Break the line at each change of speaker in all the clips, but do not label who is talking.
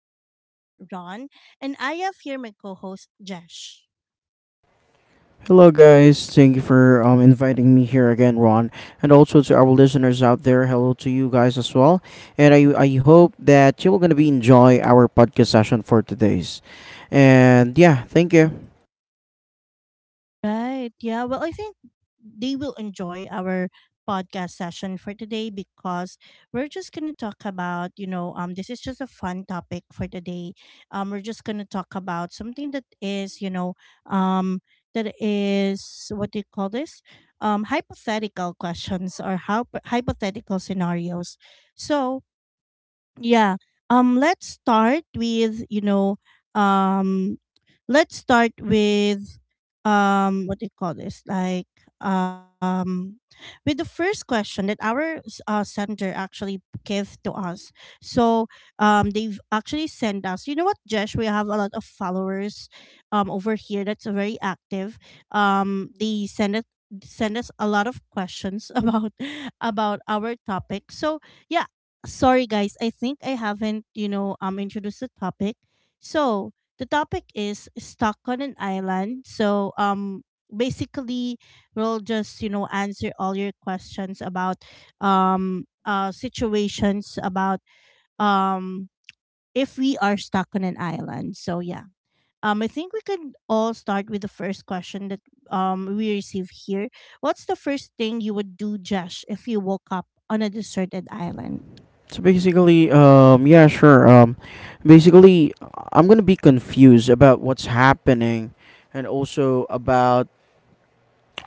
is your host, Ron, and I have here my co host, Jesh.
Hello, guys. Thank you for inviting me here again, Ron, and also to our listeners out there. Hello to you guys as well, and I hope that you will gonna be enjoy our podcast session for today's, and yeah, thank you.
Right. Yeah. Well, I think they will enjoy our podcast session for today because we're just going to talk about, this is just a fun topic for today. We're just going to talk about something that is, um, what do you call this? Hypothetical questions or how hypothetical scenarios. So, yeah. Let's start with, um let's start with what do you call this? Um with the first question that our center actually gave to us. So, they've actually sent us. You know what, Jesh, we have a lot of followers over here that's very active. They send us a lot of questions about our topic. So, yeah. Sorry, guys, I think I haven't, introduced the topic. So the topic is stuck on an island. So basically, we'll just, answer all your questions about situations about um if we are stuck on an island. So, yeah. I think we could all start with the first question that we receive here. What's the first thing you would do, Josh, if you woke up on a deserted island?
So basically, yeah, sure. Basically, I'm gonna be confused about what's happening, and also about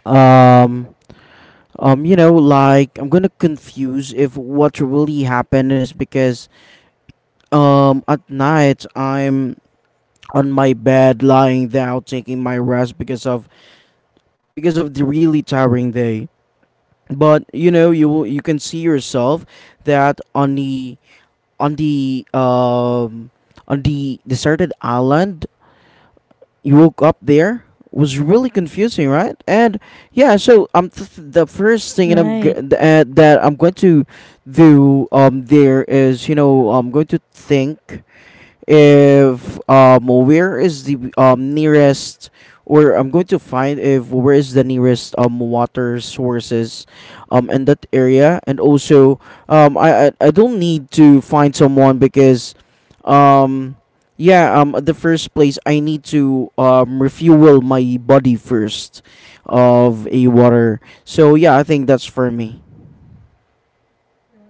um. You know, like I'm gonna confuse if what really happened is because at night I'm on my bed lying down taking my rest because of the really tiring day, but you know you can see yourself that on the um on the deserted island you woke up there. Was really confusing, right? And yeah, so the first thing that
Right.
that I'm going to do there is, you know, I'm going to think if where is the nearest or I'm going to find if where is the nearest water sources in that area, and also I don't need to find someone because um yeah, at the first place I need to refuel my body first of a water. So yeah, I think that's for me.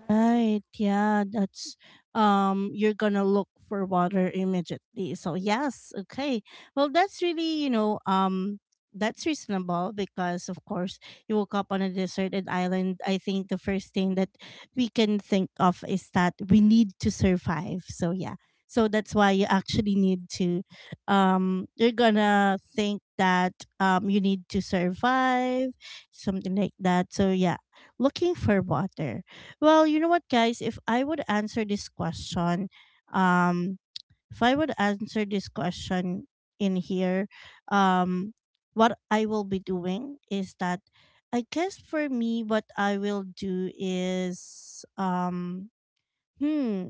Right. Yeah, that's you're going to look for water immediately. So yes, okay. Well, that's really, you know, that's reasonable because of course you woke up on a deserted island. I think the first thing that we can think of is that we need to survive. So, yeah. So that's why you actually need to you're going to think that you need to survive, something like that. So, yeah, looking for water. Well, you know what, guys? If I would answer this question, um, if I would answer this question in here, um, what I will be doing is that I guess for me, what I will do is, hmm,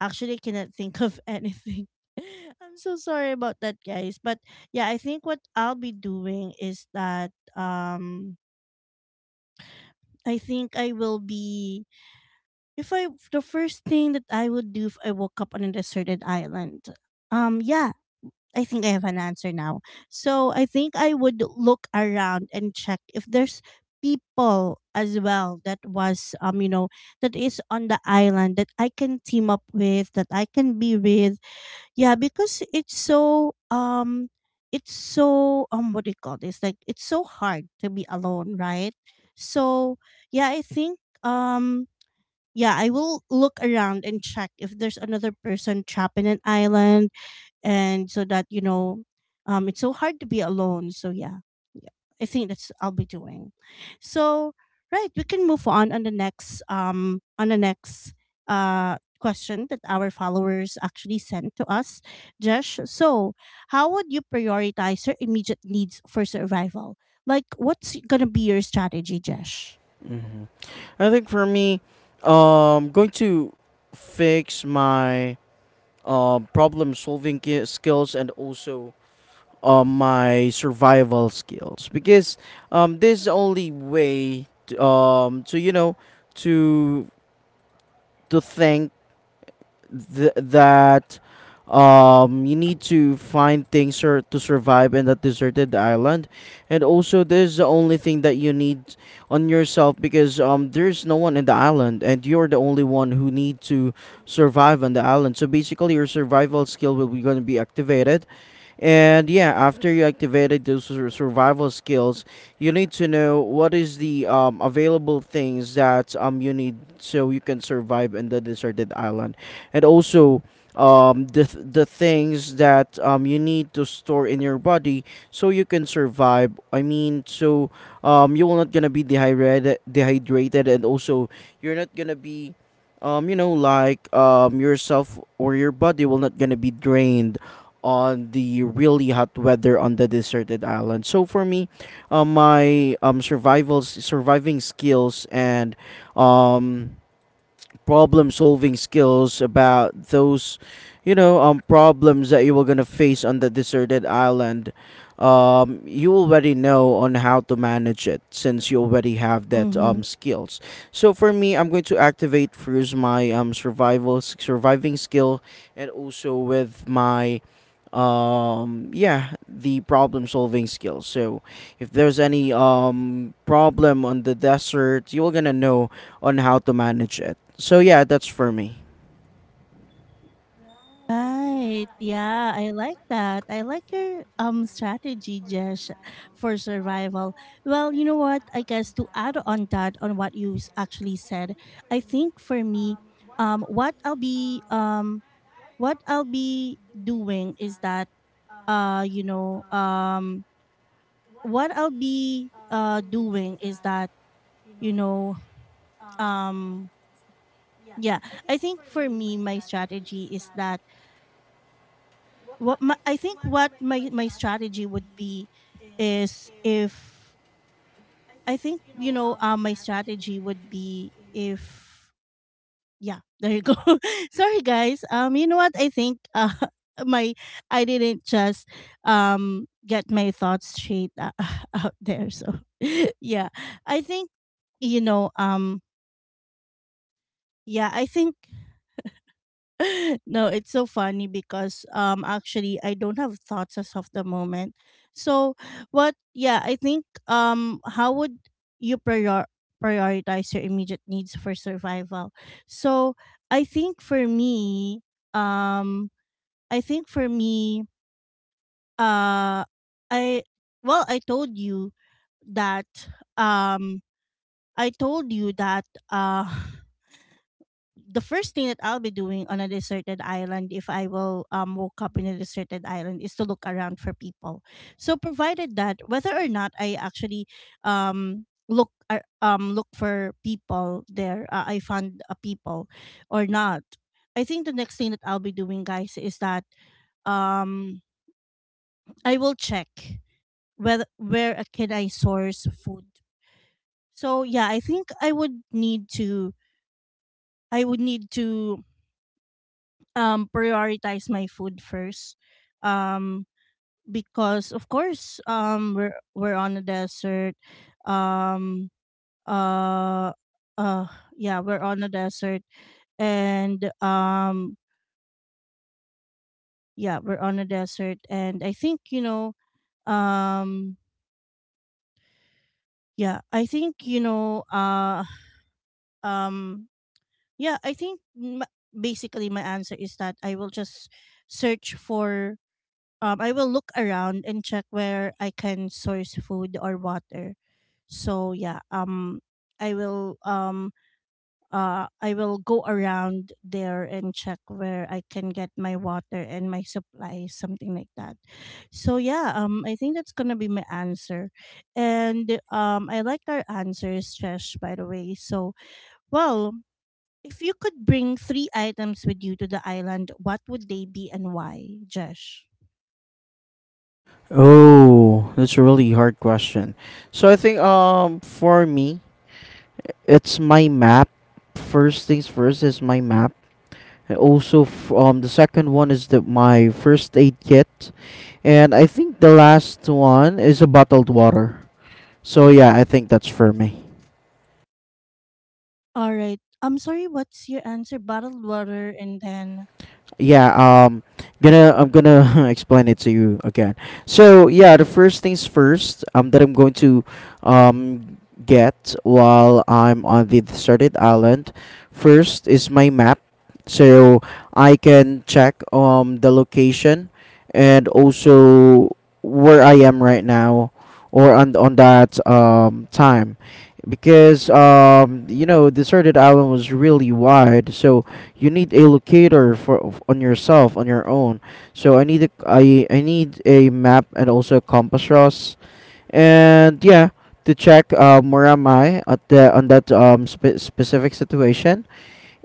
actually cannot think of anything. I'm so sorry about that, guys. But yeah, I think what I'll be doing is that, um, I think I will be If I the first thing that I would do if I woke up on a deserted island, yeah, I think I have an answer now. So I think I would look around and check if there's people as well that was that is on the island that I can team up with that I can be with. Yeah, because it's so what do you call this, like it's so hard to be alone, right? So yeah, I think um yeah, I will look around and check if there's another person trapped in an island, and so that, it's so hard to be alone. So yeah, yeah, I think that's I'll be doing. So, right, we can move on the next question that our followers actually sent to us, Josh. So how would you prioritize your immediate needs for survival? Like, what's gonna be your strategy, Josh?
hmm I think for me going to fix my problem solving skills and also my survival skills because this is the only way to you know to think that you need to find things or to survive in that deserted island, and also this is the only thing that you need on yourself because there's no one in the island and you're the only one who need to survive on the island. So basically your survival skill will be going to be activated, and yeah, after you activated those survival skills, you need to know what is the available things that you need so you can survive in the deserted island, and also the the things that you need to store in your body so you can survive. I mean, so, you will not gonna be dehydrated, and also you're not gonna be, you know, like yourself or your body will not gonna be drained on the really hot weather on the deserted island. So for me, my survival surviving skills and um problem solving skills about those, you know, problems that you were gonna face on the deserted island, you already know on how to manage it since you already have that
Mhm.
skills. So for me I'm going to activate first my survival surviving skill and also with my yeah the problem solving skills. So if there's any problem on the desert, you're gonna know on how to manage it. So yeah, that's for me.
Right. Yeah, I like that. I like your strategy, Jesh, for survival. Well, you know what? I guess to add on that on what you actually said, I think for me, um, what I'll be um what I'll be doing is that uh you know um what I'll be uh doing is that you know um yeah, I think for me my strategy is that I think what my strategy would be is if I think, you know, my strategy would be if yeah there you go sorry guys you know what I think my I didn't just get my thoughts straight out there. So yeah I think you know yeah I think no, it's so funny because actually I don't have thoughts as of the moment. So what yeah, I think how would you prioritize your immediate needs for survival? So I think for me, um I think for me, uh I well, I told you that um I told you that the first thing that I'll be doing on a deserted island if I will woke up in a deserted island is to look around for people. So provided that whether or not I actually look for people there, I found a people or not. I think the next thing that I'll be doing, guys, is that um I will check whether where can I source food. So yeah, I think I would need to I would need to prioritize my food first um because of course we're on a desert um uh uh yeah we're on a desert and yeah we're on a desert and I think you know um yeah I think you know um yeah I think basically my answer is that I will just search for I will look around and check where I can source food or water. So yeah, I will um I will go around there and check where I can get my water and my supplies, something like that. So yeah, I think that's gonna be my answer, and I liked our answers, Chesh, by the way. So, well. If you could bring three items with you to the island, what would they be and why, Jesh?
Oh, that's a really hard question. So I think for me, it's my map. First things first is my map. And also the second one is the my first aid kit, and I think the last one is a bottled water. So yeah, I think that's for me.
All right. I'm sorry, what's your answer? Bottled water and then
Yeah, gonna I'm gonna explain it to you again. So yeah, the first things first that I'm going to um get while I'm on the deserted island, first is my map, so I can check the location and also where I am right now or on that time, because you know deserted island was really wide, so you need a locator for on yourself on your own. So I need a I need a map and also a compass, Ross. And yeah, to check where am I at the on that specific situation.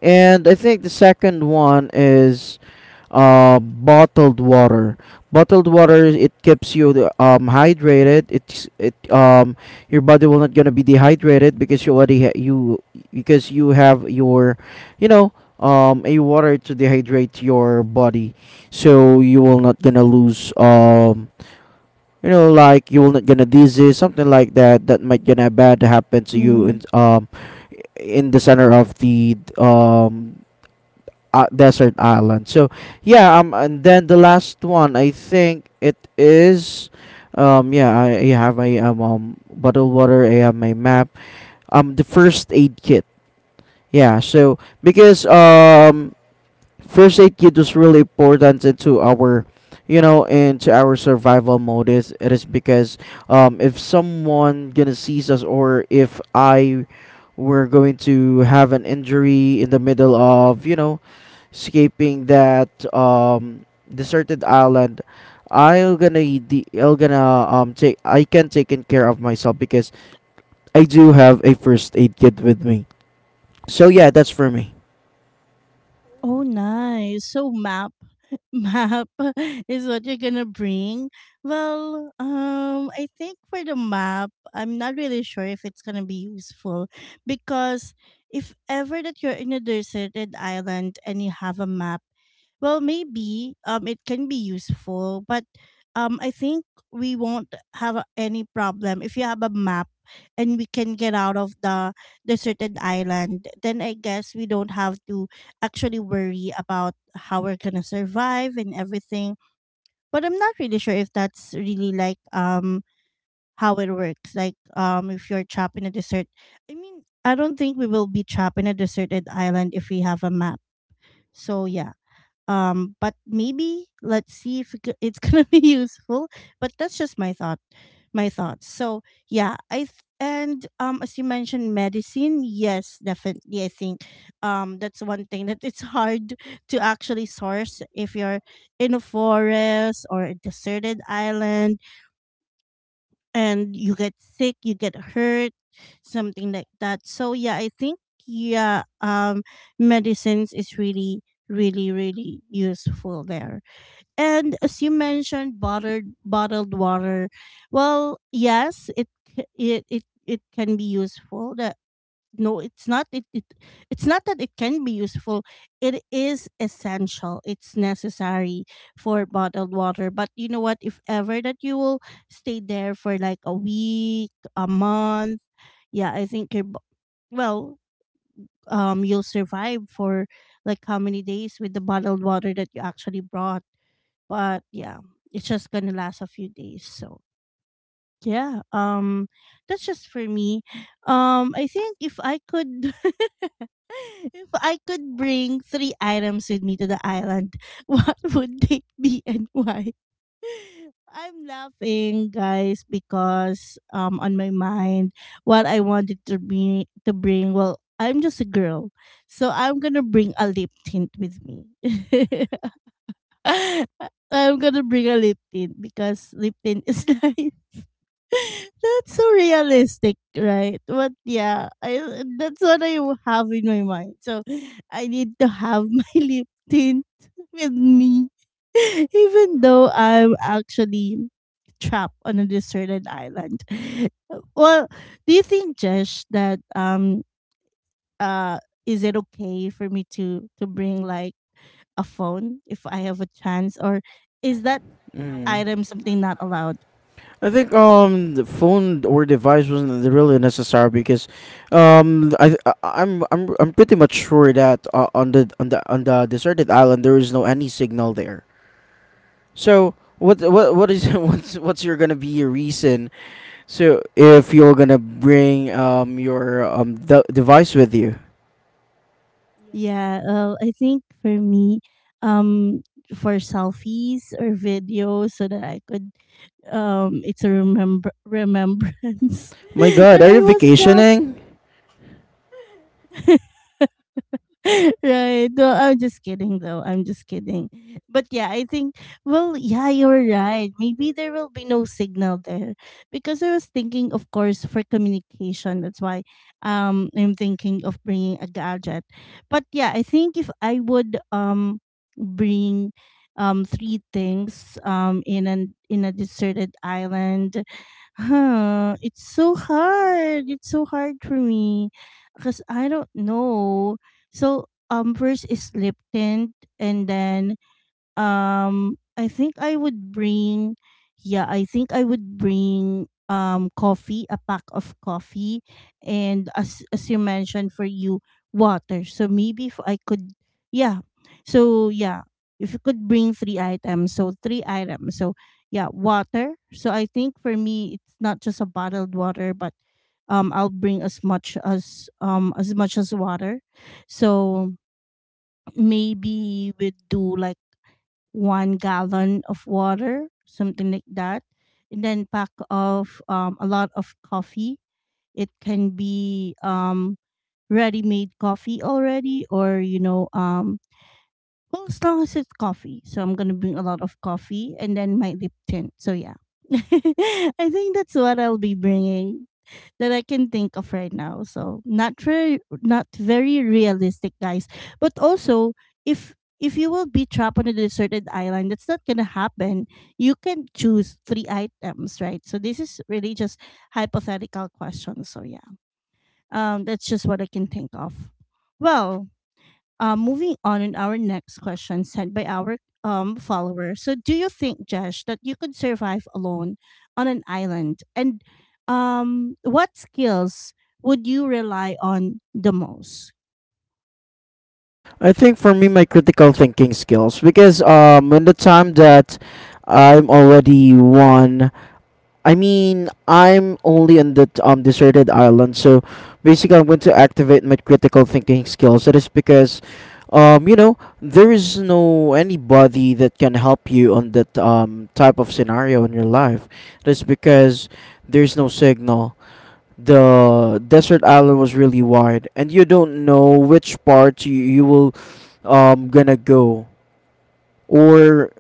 And I think the second one is bottled water. Bottled water, it keeps you hydrated. It's it Your body will not gonna be dehydrated because you because you have your, you know, a water to dehydrate your body, so you will not gonna lose, you know, like you will not gonna disease something like that that might gonna bad happen to you
Mm-hmm.
in the center of the desert island. So yeah, and then the last one, I think it is, yeah, I have my bottled water. I have my map. The first aid kit. Yeah, so because first aid kit was really important into our, you know, into our survival mode. Is it is because if someone gonna seize us or if I were going to have an injury in the middle of, you know, escaping that deserted island, i'm gonna I'm gonna take I can take in care of myself because I do have a first aid kit with me. So yeah, that's for me.
Oh, nice. So map, map is what you're gonna bring. Well, I think for the map, I'm not really sure if it's gonna be useful because if ever that you're in a deserted island and you have a map. Well, maybe it can be useful, but I think we won't have any problem if you have a map and we can get out of the deserted island. Then I guess we don't have to actually worry about how we're gonna survive and everything. But I'm not really sure if that's really like how it works. Like if you're trapped in a desert, I mean I don't think we will be trapped in a deserted island if we have a map. So yeah but maybe let's see if it's gonna be useful, but that's just my thought my thoughts so yeah, I and as you mentioned medicine, yes definitely I think that's one thing that it's hard to actually source if you're in a forest or a deserted island and you get sick, you get hurt, something like that. So yeah I think, yeah, medicines is really really useful there, and as you mentioned bottled water. Well yes, it it can be useful that, no it's not it's not that it can be useful, it is essential, it's necessary for bottled water. But you know what, if ever that you will stay there for like a week, a month, yeah I think you're well you'll survive for like how many days with the bottled water that you actually brought. But yeah, it's just gonna last a few days. So yeah, that's just for me. I think if I could, if I could bring three items with me to the island, what would they be and why? I'm laughing, guys, because on my mind, what I wanted to be to bring. Well, I'm just a girl, so I'm gonna bring a lip tint with me. I'm gonna bring a lip tint because lip tint is like that's so realistic, right? But yeah, I that's what I have in my mind. So I need to have my lip tint with me, even though I'm actually trapped on a deserted island. Well, do you think, Jesh, that uh is it okay for me to bring like a phone if I have a chance, or is that
mm.
item something not allowed?
I think the phone or device wasn't really necessary because um i I'm pretty much sure that on the on the deserted island there is no any signal there. So what is what's your gonna be your reason. So if you're gonna bring your device with you,
Yeah, I think for me, um, for selfies or videos, so that I could, it's a remember remembrance
my God,
that
are you
I was
vacationing?
right. No, I'm just kidding though. I'm just kidding. But yeah, I think, well, yeah, you're right. Maybe there will be no signal there. Because I was thinking of course for communication. That's why I'm thinking of bringing a gadget. But yeah, I think if I would bring three things in an in a deserted island. Huh, it's so hard. It's so hard for me because I don't know. So first is lip and then I think I would bring, yeah, I think I would bring coffee, a pack of coffee, and as you mentioned for you, water. So maybe if I could, yeah. So yeah, if you could bring three items. So yeah, water. So I think for me, it's not just a bottled water, but I'll bring as much as water. So maybe we do like 1 gallon of water, something like that, and then pack of a lot of coffee. It can be ready-made coffee already, or well, as long as it's coffee. So I'm gonna bring a lot of coffee and then my lip tint. So yeah, I think that's what I'll be bringing that I can think of right now. So not very, not very realistic, guys. But also, if you will be trapped on a deserted island, that's not gonna happen. You can choose three items, right? So this is really just hypothetical questions. So yeah, that's just what I can think of. Well, moving on in our next question sent by our follower. So, do you think, Jesh, that you could survive alone on an island? And what skills would you rely on the most?
I think for me, my critical thinking skills because in the time that I'm already one, I mean, I'm only on the deserted island, so basically, I'm going to activate my critical thinking skills. That is because, you know, there is no anybody that can help you on that type of scenario in your life. That's because there's no signal. The desert island was really wide, and you don't know which part you will gonna go or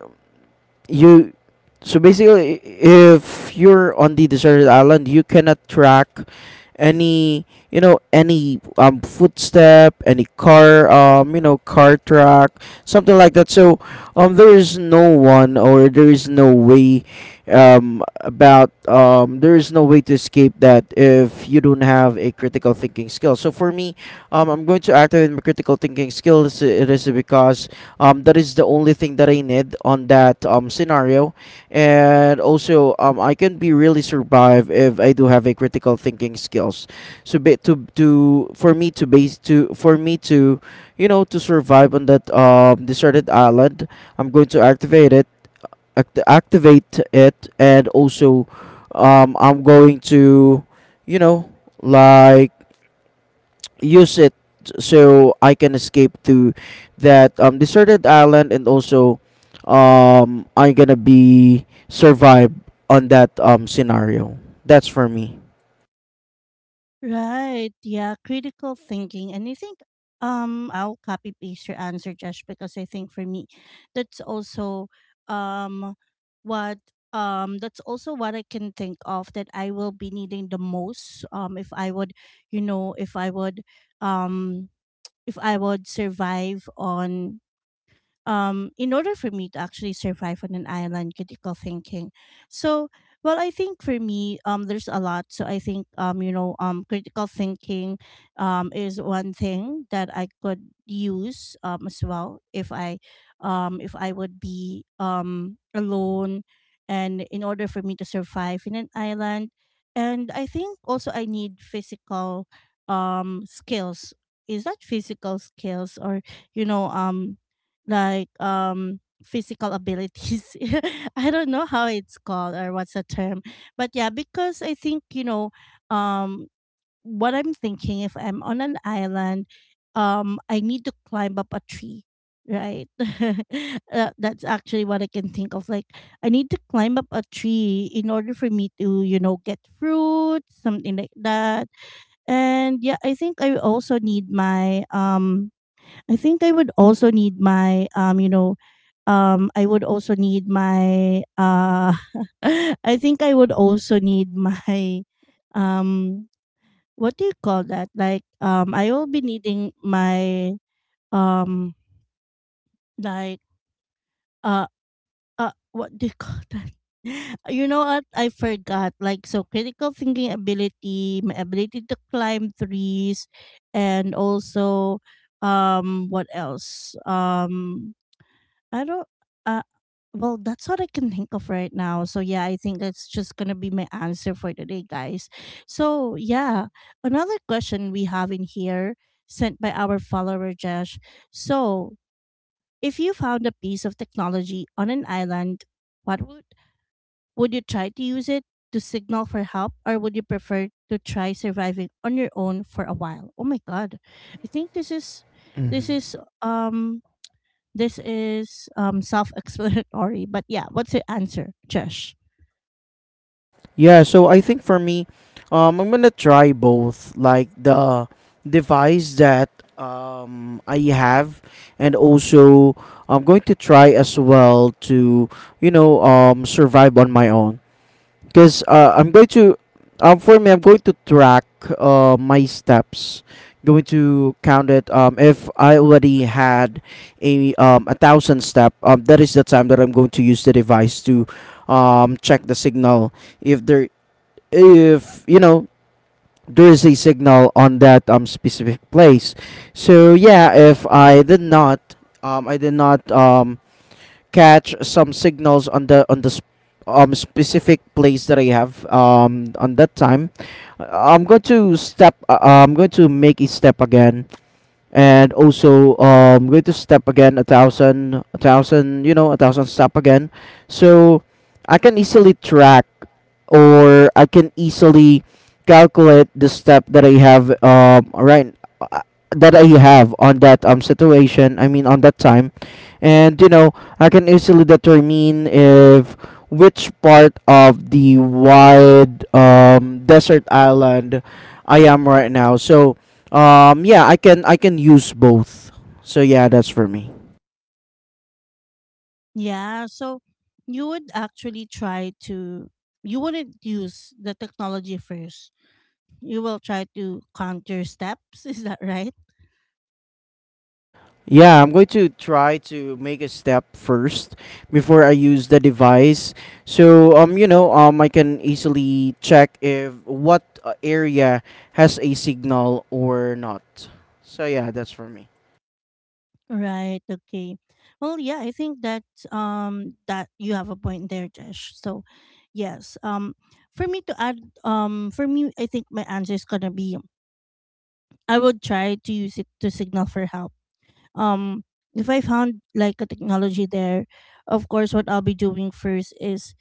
you. So basically if you're on the deserted island you cannot track any, you know, any footstep, any car, you know, car track, something like that. So there is no one, or there is no way about there is no way to escape that if you don't have a critical thinking skill. So for me, I'm going to activate my critical thinking skills. It is because, that is the only thing that I need on that scenario, and also I can be really survive if I do have a critical thinking skills. So ba- to for me to base to for me to, you know, to survive on that deserted island, I'm going to activate it, activate it, and also I'm going to, you know, like use it so I can escape to that deserted island, and also I'm gonna be survive on that scenario. That's for me.
Right. Yeah. Critical thinking. And I think I'll copy paste your answer, Josh, because I think for me that's also um what that's also what I can think of that I will be needing the most. If I would, you know, um if I would survive on in order for me to actually survive on an island, critical thinking. So well, I think for me, there's a lot. So I think, critical thinking is one thing that I could use, as well if I if I would be alone and in order for me to survive in an island. And I think also I need physical skills. Is that physical skills or you know um like physical abilities? I don't know how it's called or what's the term, but yeah, because I think, um what I'm thinking, if I'm on an island, I need to climb up a tree, right? That's actually what I can think of. Like I need to climb up a tree in order for me to, you know, get fruit, something like that. And yeah, I think I also need my I think I would also need my you know, I would also need my I think I would also need my um, what do you call that? Like I will be needing my um, like uh, what do you call that? You know what? I forgot. Like so, critical thinking ability, my ability to climb trees, and also what else? I don't. Uh, well, that's what I can think of right now. So yeah, I think that's just gonna be my answer for today, guys. So yeah, another question we have in here sent by our follower Josh. So if you found a piece of technology on an island, what would you try to use it to signal for help, or would you prefer to try surviving on your own for a while? Oh my god, I think this
Mm-hmm.
is um this is self-explanatory, but yeah, what's your answer, Josh?
Yeah, so I think for me, I'm gonna try both, like the device that I have, and also I'm going to try as well to, you know, survive on my own. Because I'm going to for me I'm going to track my steps, going to count it. If I already had a thousand step, that is the time that I'm going to use the device to check the signal if there, if you know, there is a signal on that specific place. So yeah, if I did not um I did not um catch some signals on the specific place that I have on that time. I'm going to step. I'm going to make a step again, and also going to step again a thousand, you know, a thousand step again, so I can easily track or I can easily calculate the step that I have uh, that I have on that situation, I mean on that time. And you know I can easily determine if which part of the wide desert island I am right now. So yeah, I can use both. So yeah, that's for me.
Yeah, so you would actually try to, you wouldn't use the technology first. You will try to counter steps, is that right?
Yeah, I'm going to try to make a step first before I use the device. So you know, I can easily check if what area has a signal or not. So yeah, that's for me.
Right, okay. Well, yeah, I think that that you have a point there, Josh. So, yes, for me to add, for me, I think my answer is going to be I would try to use it to signal for help. um if I found like a technology there, of course what I'll be doing first is,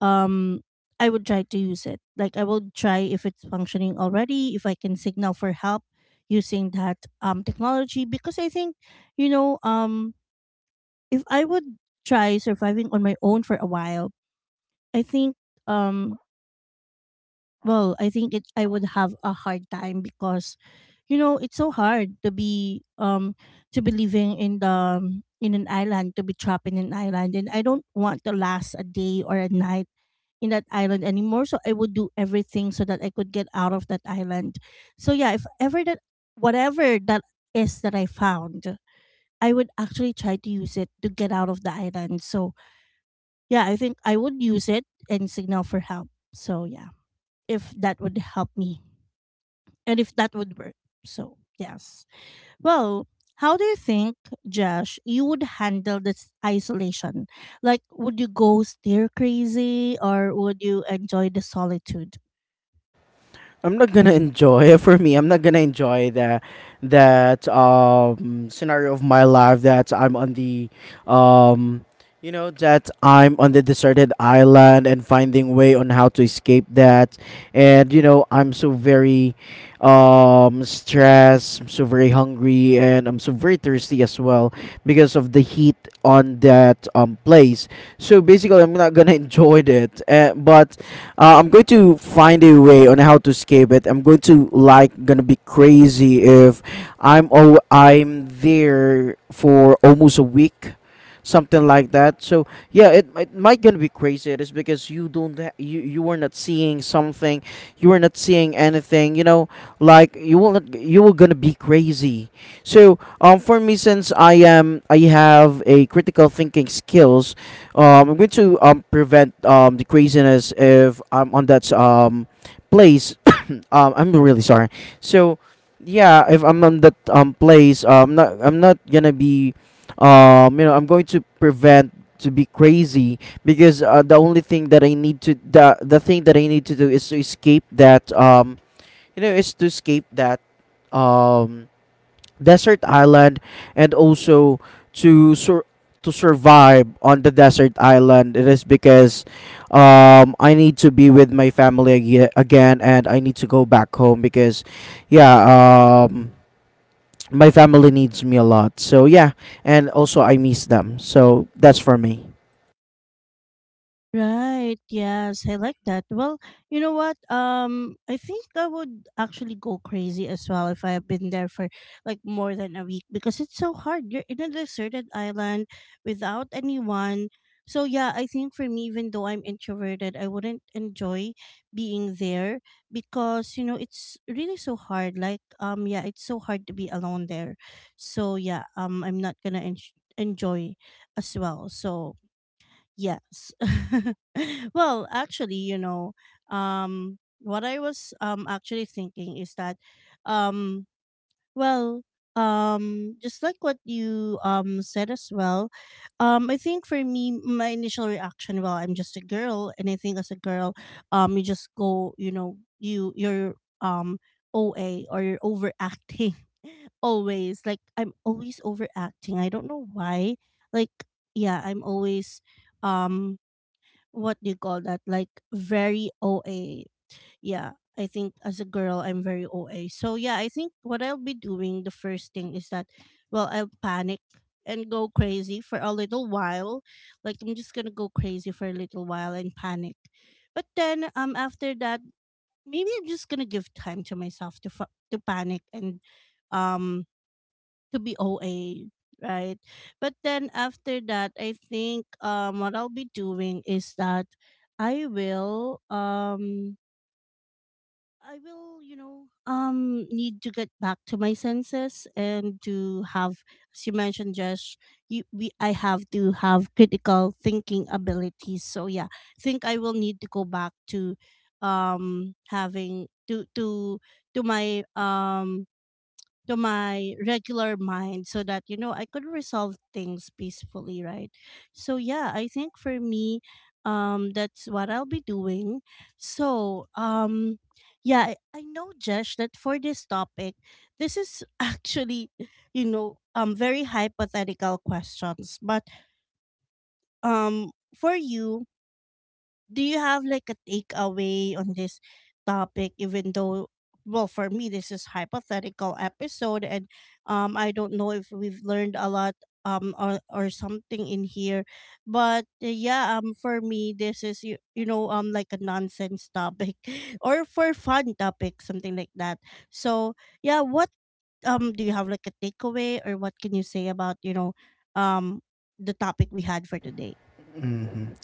um I would try to use it. Like I will try if it's functioning already, if I can signal for help using that technology. Because I think, you know um if I would try surviving on my own for a while, I think um well, I think it I would have a hard time because, you know, it's so hard to be living in the in an island, to be trapped in an island, and I don't want to last a day or a night in that island anymore. So I would do everything so that I could get out of that island. So yeah, if ever that whatever that is that I found, I would actually try to use it to get out of the island. So yeah, I think I would use it and signal for help. So yeah, if that would help me and if that would work. So, yes. Well, how do you think, Josh, you would handle this isolation? Like, would you go stir crazy or would you enjoy the solitude?
I'm not gonna enjoy for me. I'm not gonna enjoy that that scenario of my life that I'm on the um you know that I'm on the deserted island and finding way on how to escape that. And you know I'm so very stressed, I'm so very hungry, and I'm so very thirsty as well because of the heat on that place. So basically I'm not gonna enjoy it. But I'm going to find a way on how to escape it. I'm going to like gonna be crazy if I'm oh I'm there for almost a week, something like that. So yeah, it might gonna be crazy. It is because you don't ha- you are not seeing something, you are not seeing anything. You know, like you will not you will gonna be crazy. So for me, since I am I have a critical thinking skills, I'm going to prevent the craziness if I'm on that place. I'm really sorry. So, yeah, if I'm on that place, not I'm not gonna be, you know, I'm going to prevent to be crazy because the only thing that I need to the thing that I need to do is to escape that, you know, is to escape that um desert island, and also to sur- to survive on the desert island. It is because I need to be with my family again and I need to go back home because yeah my family needs me a lot. So yeah, and also I miss them. So that's for me.
Right. Yes, I like that. Well, you know what? I think I would actually go crazy as well if I have been there for like more than a week, because it's so hard. You're in a deserted island without anyone. So yeah, I think for me, even though I'm introverted, I wouldn't enjoy being there because, you know, it's really so hard. Like yeah, it's so hard to be alone there. So yeah, I'm not gonna enjoy as well. So yes. Well, actually, you know, what I was actually thinking is that, um, well, just like what you said as well, I think for me, my initial reaction, well, I'm just a girl, and I think as a girl, you just go, you know, you're um OA, or you're overacting, always. Like I'm always overacting, I don't know why. Like yeah, I'm always um what do you call that? Like very OA. Yeah, I think as a girl, I'm very OA. So yeah, I think what I'll be doing the first thing is that, well, I'll panic and go crazy for a little while. Like I'm just gonna go crazy for a little while and panic, but then after that, maybe I'm just gonna give time to myself to to panic and um to be OA. Right. But then after that, I think what I'll be doing is that I will um I will, you know, need to get back to my senses and to have, as you mentioned, Josh, I have to have critical thinking abilities. So yeah, I think I will need to go back to, having to to my um to my regular mind so that, you know, I could resolve things peacefully, right? So yeah, I think for me that's what I'll be doing. So, yeah, I know Jesh that for this topic, this is actually, you know, very hypothetical questions, but for you, do you have like a takeaway on this topic? Even though, well, for me this is hypothetical episode and I don't know if we've learned a lot or, something in here, but yeah, for me this is, you know, like a nonsense topic, or for fun topic, something like that. So yeah, what do you have like a takeaway, or what can you say about, you know, um the topic we had for today?
hmm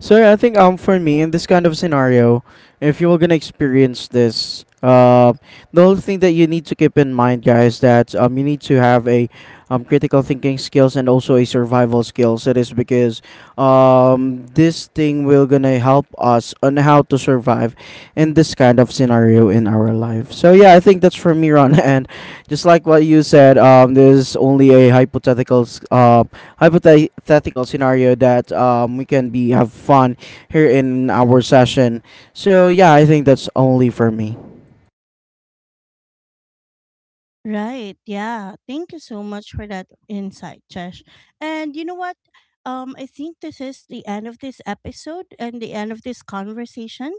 So yeah, I think for me in this kind of scenario, if you're gonna experience this, the only thing that you need to keep in mind, guys, that you need to have a critical thinking skills and also a survival skills. It is because this thing will gonna help us on how to survive in this kind of scenario in our life. So yeah, I think that's for me, Ron. And just like what you said, this is only a hypothetical hypothetical scenario that we can be have fun here in our session. So yeah, I think that's only for me.
Right. Yeah. Thank you so much for that insight, Chesh. And you know what? I think this is the end of this episode and the end of this conversation.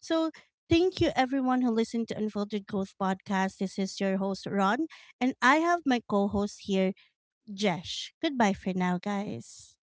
So thank you everyone who listened to Unfiltered Growth Podcast. This is your host, Ron, and I have my co-host here, Jesh. Goodbye for now, guys.